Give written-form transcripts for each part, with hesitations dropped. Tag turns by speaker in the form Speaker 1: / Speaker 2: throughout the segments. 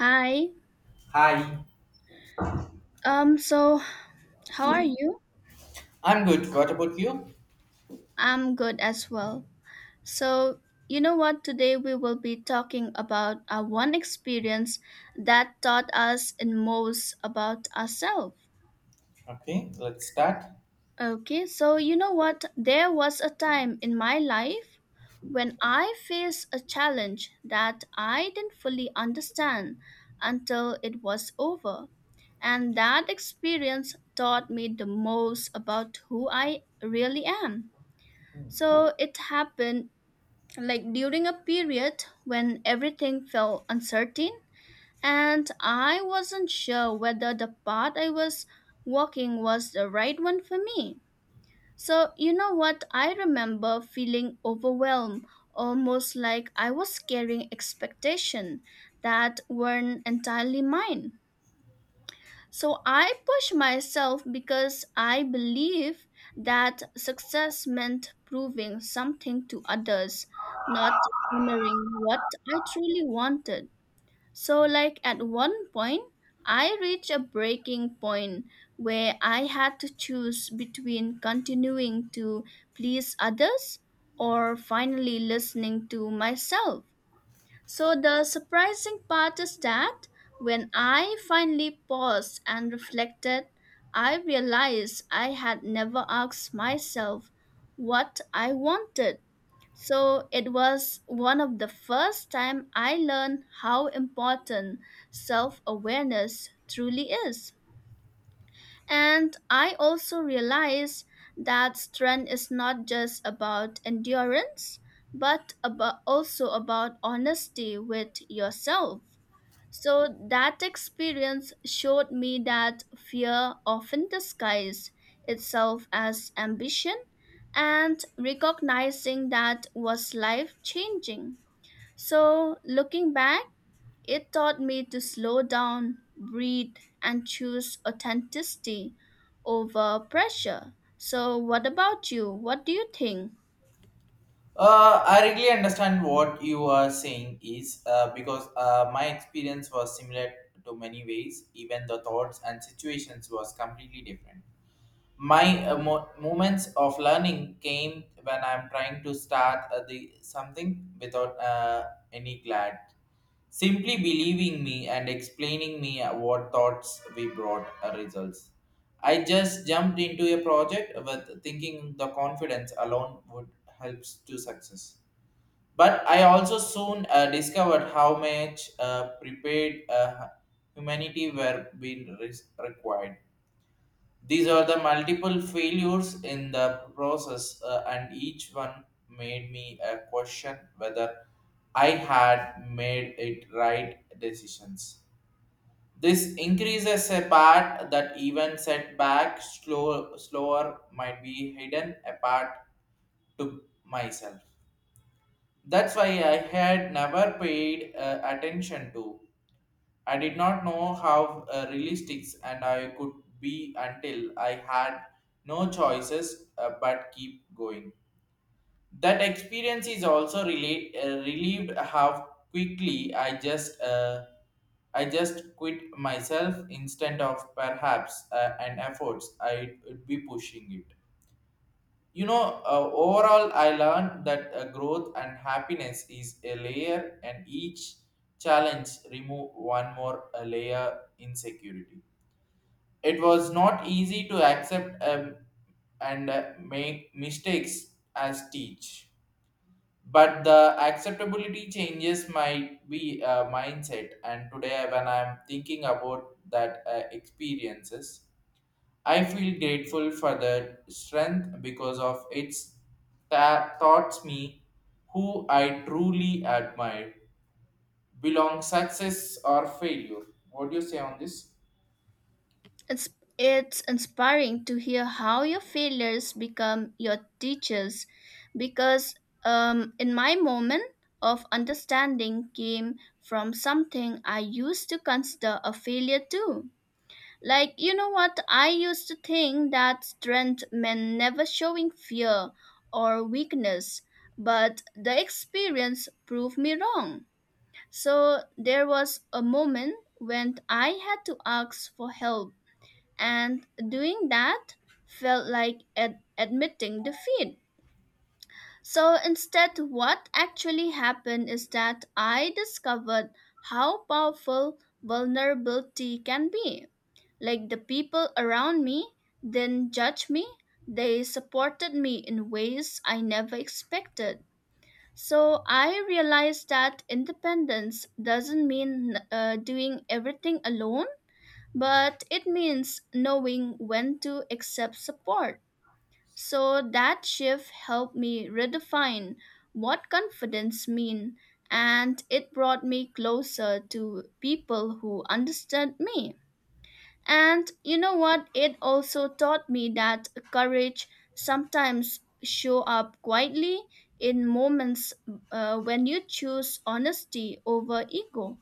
Speaker 1: Hi.
Speaker 2: Hi.
Speaker 1: So how are you?
Speaker 2: I'm good. What about you?
Speaker 1: I'm good as well. So, you know what? Today we will be talking about a one experience that taught us in most about ourselves.
Speaker 2: Okay, let's start.
Speaker 1: Okay, so you know what? There was a time in my life when I faced a challenge that I didn't fully understand until it was over. And that experience taught me the most about who I really am. So it happened like during a period when everything felt uncertain, and I wasn't sure whether the path I was walking was the right one for me. So, you know what? I remember feeling overwhelmed, almost like I was carrying expectations that weren't entirely mine. So I push myself because I believe that success meant proving something to others, not honoring what I truly wanted. So, like at one point, I reached a breaking point where I had to choose between continuing to please others or finally listening to myself. So the surprising part is that when I finally paused and reflected, I realized I had never asked myself what I wanted. So it was one of the first time I learned how important self-awareness truly is. And I also realize that strength is not just about endurance, but about also about honesty with yourself. So that experience showed me that fear often disguises itself as ambition, and recognizing that was life changing. So looking back, it taught me to slow down, breathe, and choose authenticity over pressure. So, what about you? What do you think?
Speaker 2: I really understand what you are saying is because my experience was similar to many ways, even the thoughts and situations was completely different. My moments of learning came when I'm trying to start the something without any glad simply believing me and explaining me what thoughts we brought results. I just jumped into a project with thinking the confidence alone would helps to success, but I also soon discovered how much prepared humanity were being re required. These are the multiple failures in the process, and each one made me question whether I had made it right decisions. This increases a part that even setback slow, slower might be hidden apart to myself. That's why I had never paid attention to. I did not know how realistics and I could be until I had no choices but keep going. That experience is also relieved how quickly I just quit myself instead of perhaps an efforts I would be pushing it. You know, overall, I learned that growth and happiness is a layer, and each challenge remove one more layer insecurity. It was not easy to accept and make mistakes as teach, but the acceptability changes might be mindset. And today, when I'm thinking about that experiences, I feel grateful for the strength because of its taught me who I truly admire. Belong success or failure. What do you say on this?
Speaker 1: It's, it's inspiring to hear how your failures become your teachers because, in my moment of understanding, came from something I used to consider a failure too. Like, you know what? I used to think that strength meant never showing fear or weakness, but the experience proved me wrong. So, there was a moment when I had to ask for help, and doing that felt like admitting defeat. So instead, what actually happened is that I discovered how powerful vulnerability can be. Like the people around me didn't judge me, they supported me in ways I never expected. So I realized that independence doesn't mean doing everything alone, but it means knowing when to accept support. So that shift helped me redefine what confidence mean and it brought me closer to people who understood me. And you know what? It also taught me that courage sometimes show up quietly in moments when you choose honesty over ego.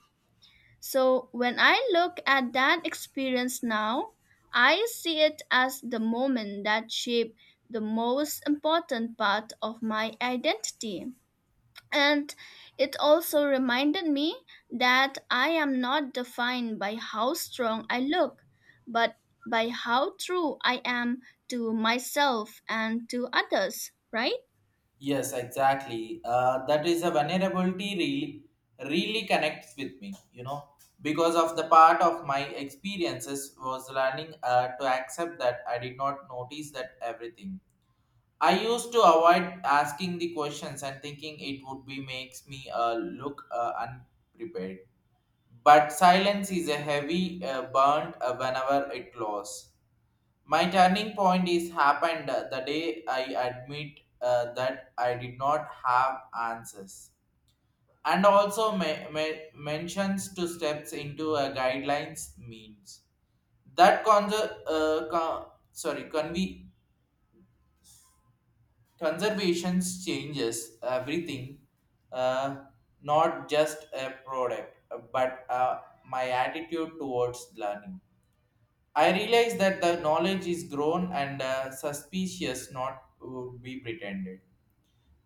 Speaker 1: So when I look at that experience now, I see it as the moment that shaped the most important part of my identity. And it also reminded me that I am not defined by how strong I look, but by how true I am to myself and to others, right?
Speaker 2: Yes, exactly. That is a vulnerability really, really connects with me, you know, because of the part of my experiences was learning to accept that I did not notice that everything I used to avoid asking the questions and thinking it would be makes me look unprepared. But silence is a heavy burn whenever it loss. My turning point is happened the day I admit that I did not have answers. And also mentions to steps into a guidelines means that con- con- sorry conve Conservation changes everything, uh, not just a product, but my attitude towards learning. I realize that the knowledge is grown and suspicious, not would be pretended.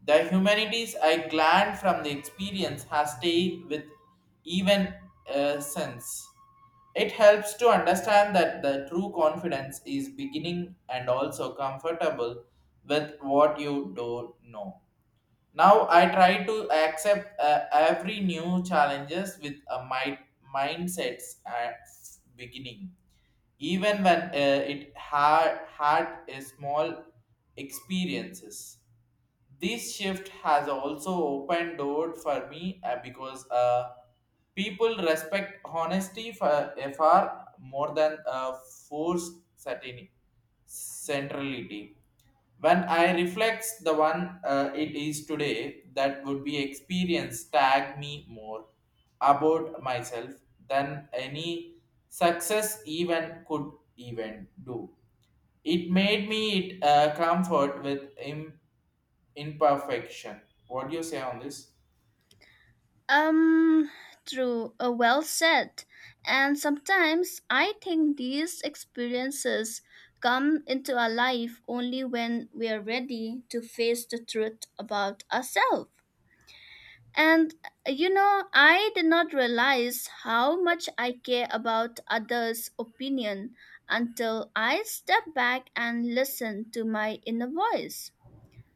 Speaker 2: The humanities I gleaned from the experience has stayed with even since. It helps to understand that the true confidence is beginning and also comfortable with what you do know. Now I try to accept every new challenges with a mindsets at beginning, even when it had a small experiences. This shift has also opened door for me because people respect honesty for far more than forced certainty centrality. When I reflect the one, it is today that would be experience tag me more about myself than any success even could even do. It made me it comfort with him imperfection. What do you say on this?
Speaker 1: Um, true, well said. And sometimes I think these experiences come into our life only when we are ready to face the truth about ourselves. And you know, I did not realize how much I care about others' opinion until I stepped back and listened to my inner voice.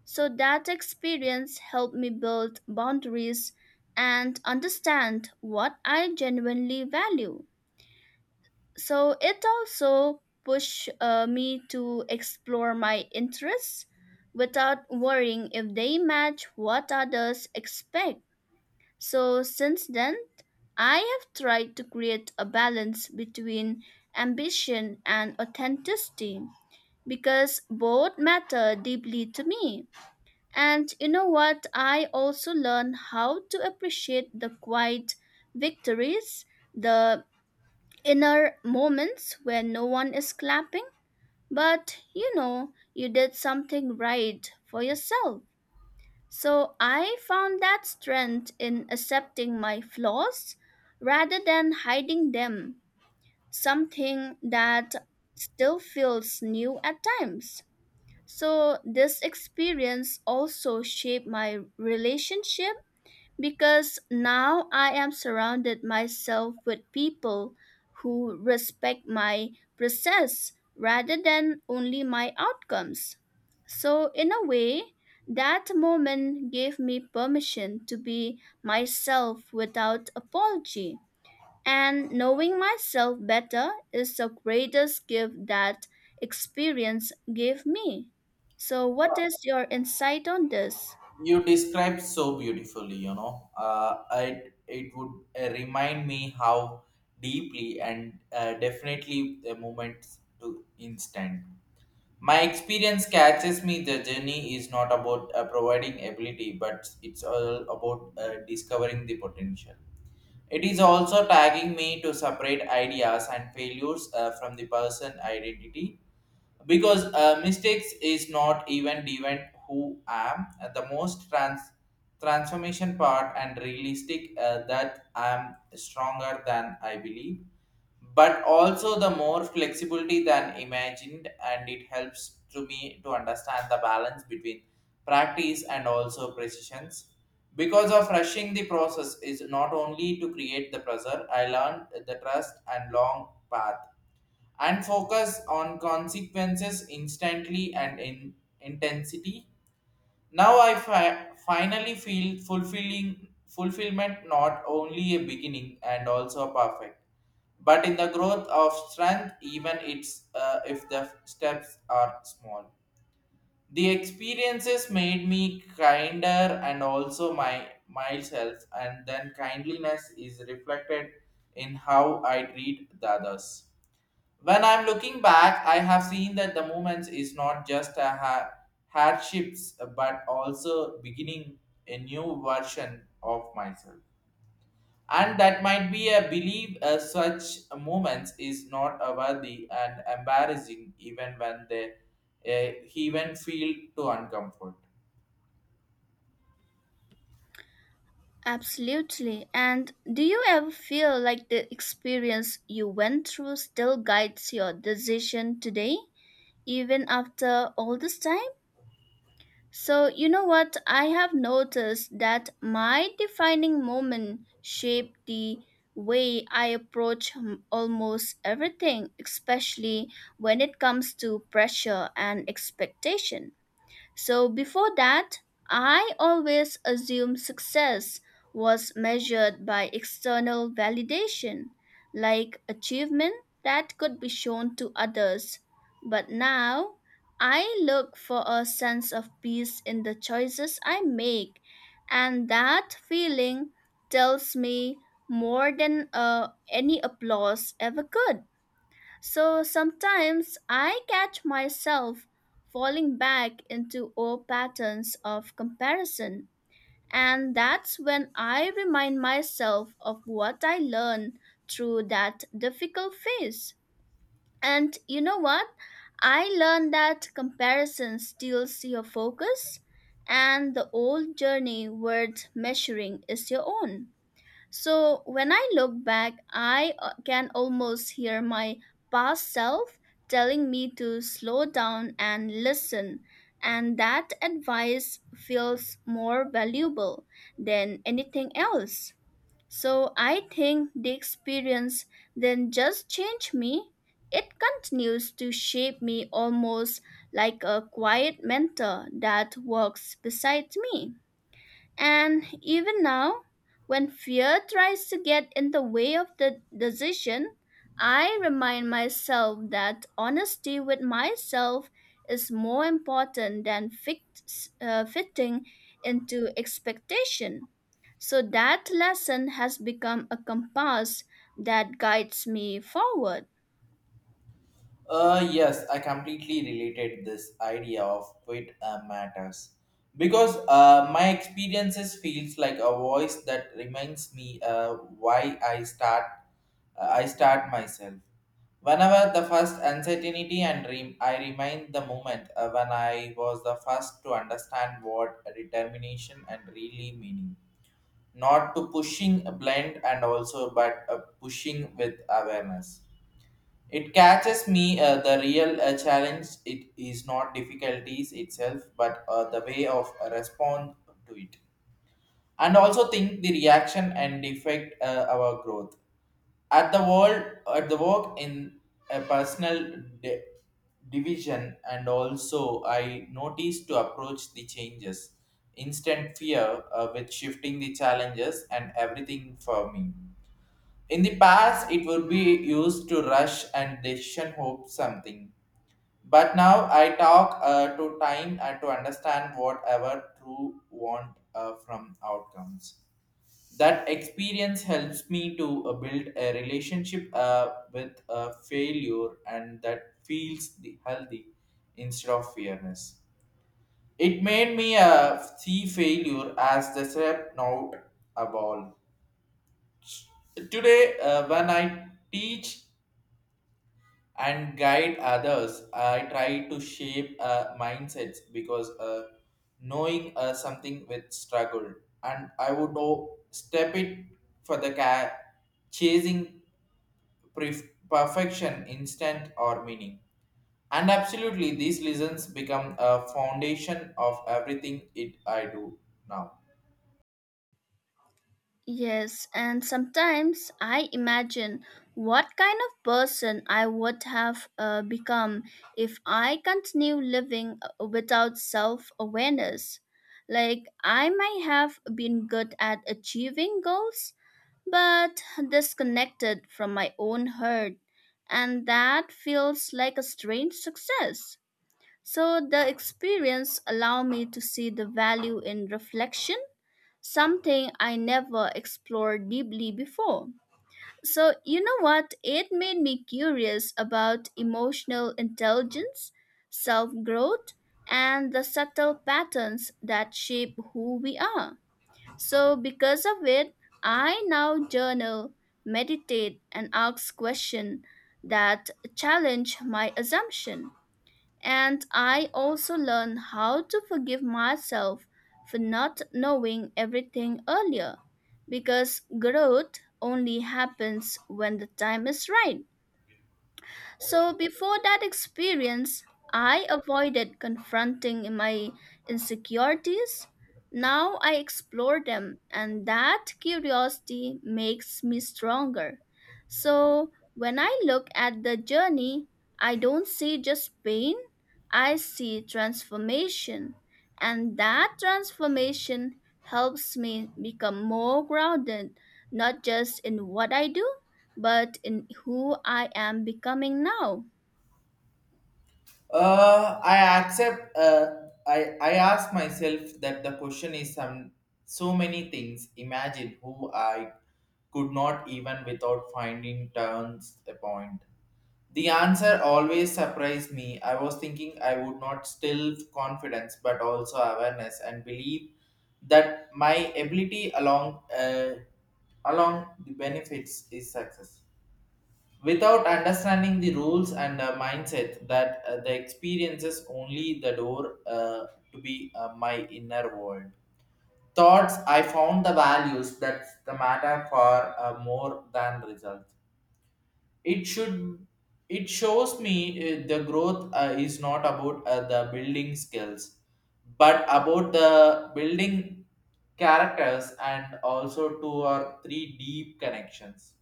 Speaker 1: So that experience helped me build boundaries and understand what I genuinely value. So it also pushed me to explore my interests without worrying if they match what others expect. So since then, I have tried to create a balance between ambition and authenticity because both matter deeply to me. And you know what? I also learn how to appreciate the quiet victories, the inner moments where no one is clapping. But you know, you did something right for yourself. So I found that strength in accepting my flaws rather than hiding them, something that still feels new at times. So, this experience also shaped my relationship because now I am surrounded myself with people who respect my process rather than only my outcomes. So, in a way, that moment gave me permission to be myself without apology. And knowing myself better is the greatest gift that experience gave me. So, what is your insight on this?
Speaker 2: You described so beautifully, you know, it would remind me how deeply and definitely the moments to instant. My experience catches me the journey is not about providing ability, but it's all about discovering the potential. It is also tagging me to separate ideas and failures from the person identity because mistakes is not even who am the most transformation part and realistic that I'm stronger than I believe, but also the more flexibility than imagined. And it helps to me to understand the balance between practice and also precisions because of rushing the process is not only to create the pressure. I learned the trust and long path and focus on consequences instantly and in intensity. Now I finally feel fulfilling fulfillment not only a beginning and also a perfect, but in the growth of strength, even it's if the steps are small. The experiences made me kinder and also my myself, and then kindliness is reflected in how I treat the others. When I'm looking back, I have seen that the movement is not just a hardships, but also beginning a new version of myself. And that might be a belief such movements is not a worthy and embarrassing even when they even feel too uncomfortable.
Speaker 1: Absolutely. And do you ever feel like the experience you went through still guides your decision today, even after all this time? So, you know what? I have noticed that my defining moment shaped the way I approach almost everything, especially when it comes to pressure and expectation. So before that, I always assumed success was measured by external validation, like achievement that could be shown to others. But now, I look for a sense of peace in the choices I make, and that feeling tells me more than any applause ever could. So sometimes I catch myself falling back into old patterns of comparison. And that's when I remind myself of what I learned through that difficult phase. And you know what? I learned that comparison steals your focus, and the old journey worth measuring is your own. So when I look back, I can almost hear my past self telling me to slow down and listen. And that advice feels more valuable than anything else. So I think the experience then just changed me. It continues to shape me almost like a quiet mentor that walks beside me. And even now, when fear tries to get in the way of the decision, I remind myself that honesty with myself is more important than fitting into expectation. So that lesson has become a compass that guides me forward.
Speaker 2: Yes, I completely related this idea of it matters because my experiences feels like a voice that reminds me why I start myself. Whenever the first uncertainty and dream, I remind the moment when I was the first to understand what determination and really meaning. Not to pushing blend and also but pushing with awareness. It catches me the real challenge. It is not difficulties itself, but the way of respond to it, and also think the reaction and effect our growth at the world at the work in a personal division. And also I noticed to approach the changes instant fear with shifting the challenges and everything for me. In the past, it would be used to rush and decision hope something. But now I talk to time and to understand whatever true want from outcomes. That experience helps me to build a relationship with failure, and that feels the healthy instead of fearness. It made me see failure as the step, not a ball. Today, when I teach and guide others. I try to shape mindsets because knowing something with struggle, and I would step it for the chasing pref- perfection, instant or meaning. And absolutely, these lessons become a foundation of everything it I do now.
Speaker 1: Yes, and sometimes I imagine what kind of person I would have become if I continue living without self awareness. Like, I might have been good at achieving goals, but disconnected from my own heart, and that feels like a strange success. So, the experience allowed me to see the value in reflection something I never explored deeply before. So, you know what? It made me curious about emotional intelligence, self growth, and the subtle patterns that shape who we are. So, because of it, I now journal, meditate, and ask questions that challenge my assumption. And I also learned how to forgive myself for not knowing everything earlier because growth only happens when the time is right. So before that experience, I avoided confronting my insecurities. Now I explore them, and that curiosity makes me stronger. So when I look at the journey, I don't see just pain, I see transformation. And that transformation helps me become more grounded, not just in what I do, but in who I am becoming now.
Speaker 2: I accept. I ask myself that the question is some so many things. Imagine who I could not even without finding turns a point. The answer always surprised me. I was thinking I would not still confidence, but also awareness and believe that my ability along along the benefits is success without understanding the rules and mindset that the experiences only the door to be my inner world thoughts. I found the values that the matter for more than results. It should it shows me the growth is not about the building skills, but about the building characters and also two or three deep connections.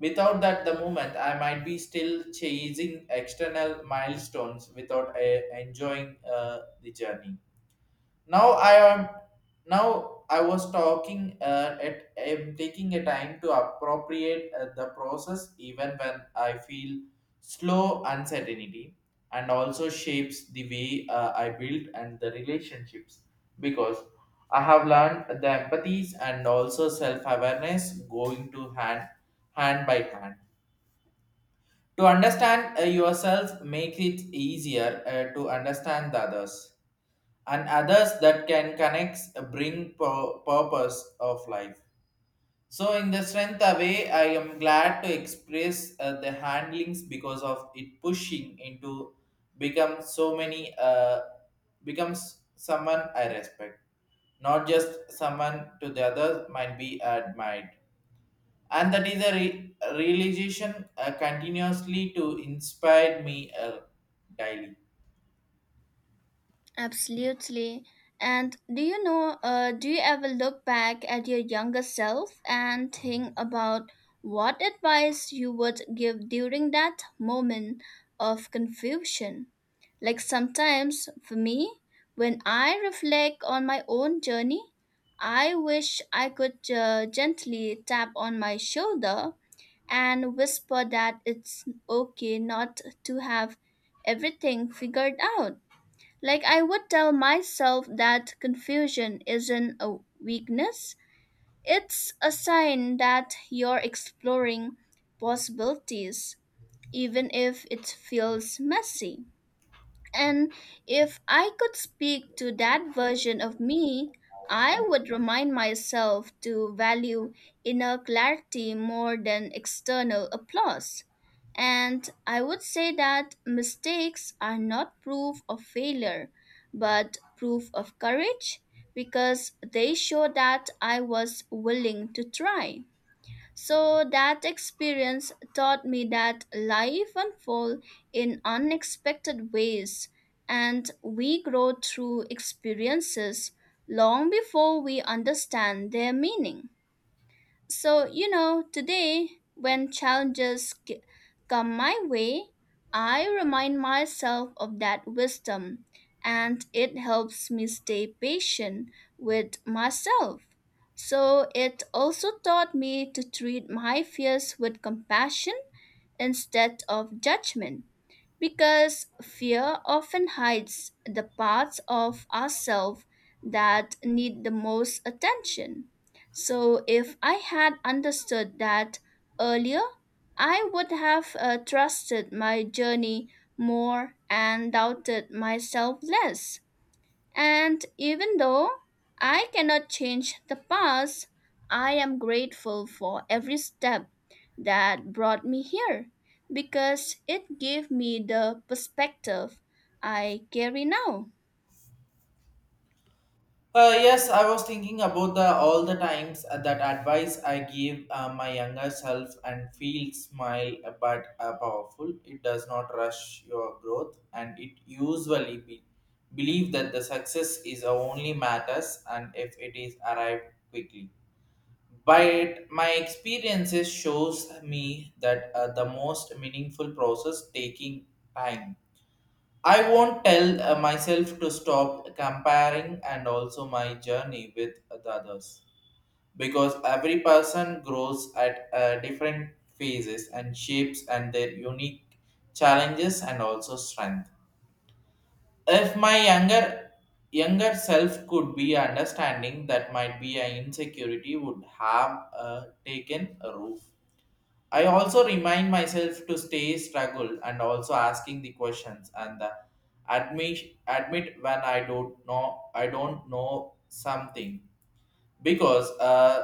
Speaker 2: Without that, the movement, I might be still chasing external milestones without enjoying the journey. Now I am. Now I was talking at am taking a time to appropriate the process, even when I feel slow uncertainty, and also shapes the way I build and the relationships because I have learned the empathies and also self awareness going to hand by hand. To understand yourself make it easier to understand the others and others that can connect bring purpose of life. So in the strength away, I am glad to express the handlings because of it pushing into become so many becomes someone I respect, not just someone to the other might be admired. And that is a realization continuously to inspire me daily.
Speaker 1: Absolutely. And do you ever look back at your younger self and think about what advice you would give during that moment of confusion? Like sometimes for me, when I reflect on my own journey, I wish I could gently tap on my shoulder and whisper that it's okay not to have everything figured out. Like I would tell myself that confusion isn't a weakness, it's a sign that you're exploring possibilities, even if it feels messy. And if I could speak to that version of me, I would remind myself to value inner clarity more than external applause. And I would say that mistakes are not proof of failure, but proof of courage because they show that I was willing to try. So that experience taught me that life unfolds in unexpected ways and we grow through experiences long before we understand their meaning. So, you know, today when come my way, I remind myself of that wisdom and it helps me stay patient with myself. So, it also taught me to treat my fears with compassion instead of judgment because fear often hides the parts of ourselves that need the most attention. So, if I had understood that earlier, I would have trusted my journey more and doubted myself less. And even though I cannot change the past, I am grateful for every step that brought me here because it gave me the perspective I carry now.
Speaker 2: Yes, I was thinking about the all the times that advice I give my younger self and feel smile, but powerful it does not rush your growth. And it usually be, believe that the success is a only matters and if it is arrived quickly. But my experiences shows me that the most meaningful process taking time. I won't tell myself to stop comparing and also my journey with the others because every person grows at different phases and shapes and their unique challenges and also strength. If my younger self could be understanding that, might be an insecurity would have taken a roof. I also remind myself to stay struggle and also asking the questions and the admit admit when I don't know something because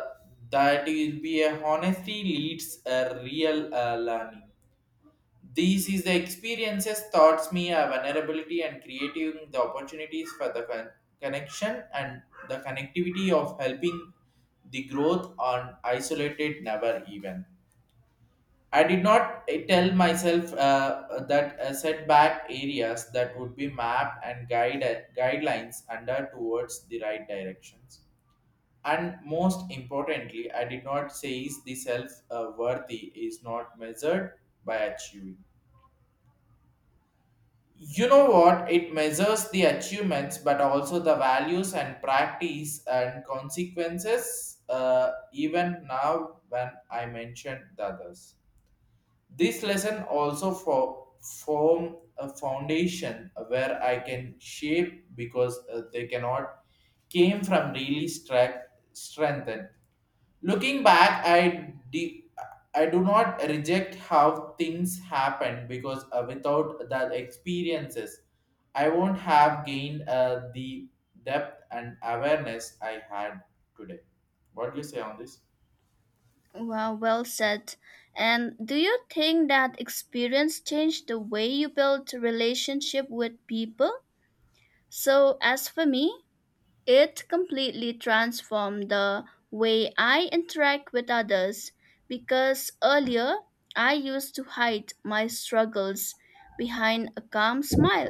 Speaker 2: that will be a honesty leads a real learning. These is the experiences taught me a vulnerability and creating the opportunities for the connection and the connectivity of helping the growth on isolated never even. I did not tell myself that setback areas that would be mapped and guidelines under towards the right directions. And most importantly, I did not say is the self worthy is not measured by achieving. You know what? It measures the achievements, but also the values and practice and consequences. Even now, when I mentioned the others, this lesson also for form a foundation where I can shape because they cannot came from really strengthened. Looking back, I I do not reject how things happened because without the experiences, I won't have gained the depth and awareness I had today. What do you say on this?
Speaker 1: Wow, well said. And do you think that experience changed the way you build relationship with people? So as for me, it completely transformed the way I interact with others because earlier I used to hide my struggles behind a calm smile.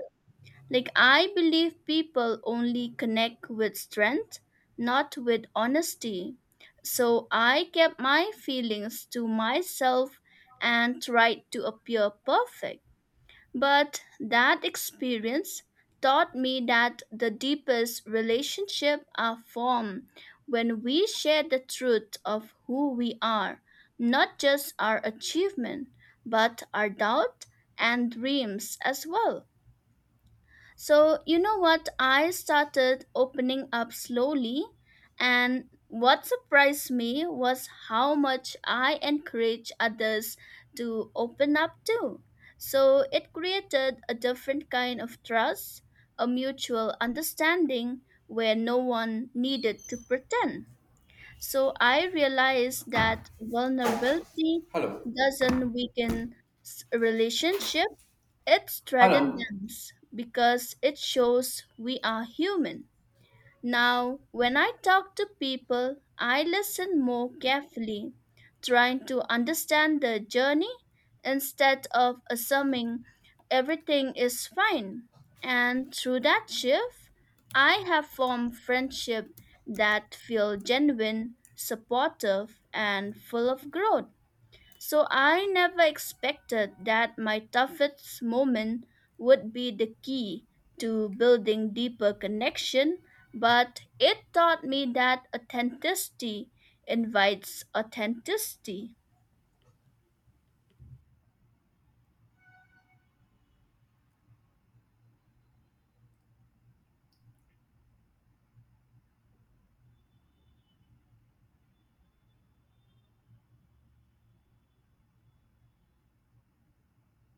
Speaker 1: Like, I believe people only connect with strength, not with honesty. So, I kept my feelings to myself and tried to appear perfect. But that experience taught me that the deepest relationships are formed when we share the truth of who we are, not just our achievement, but our doubt and dreams as well. So, you know what? I started opening up slowly, and what surprised me was how much I encourage others to open up too. So, it created a different kind of trust, a mutual understanding where no one needed to pretend. So, I realized that vulnerability
Speaker 2: Hello,
Speaker 1: doesn't weaken relationship it's
Speaker 2: hello.
Speaker 1: threatens because it shows we are human. Now, when I talk to people, I listen more carefully, trying to understand their journey instead of assuming everything is fine. And through that shift, I have formed friendship that feel genuine, supportive, and full of growth. So I never expected that my toughest moment would be the key to building deeper connection, but it taught me that authenticity invites authenticity.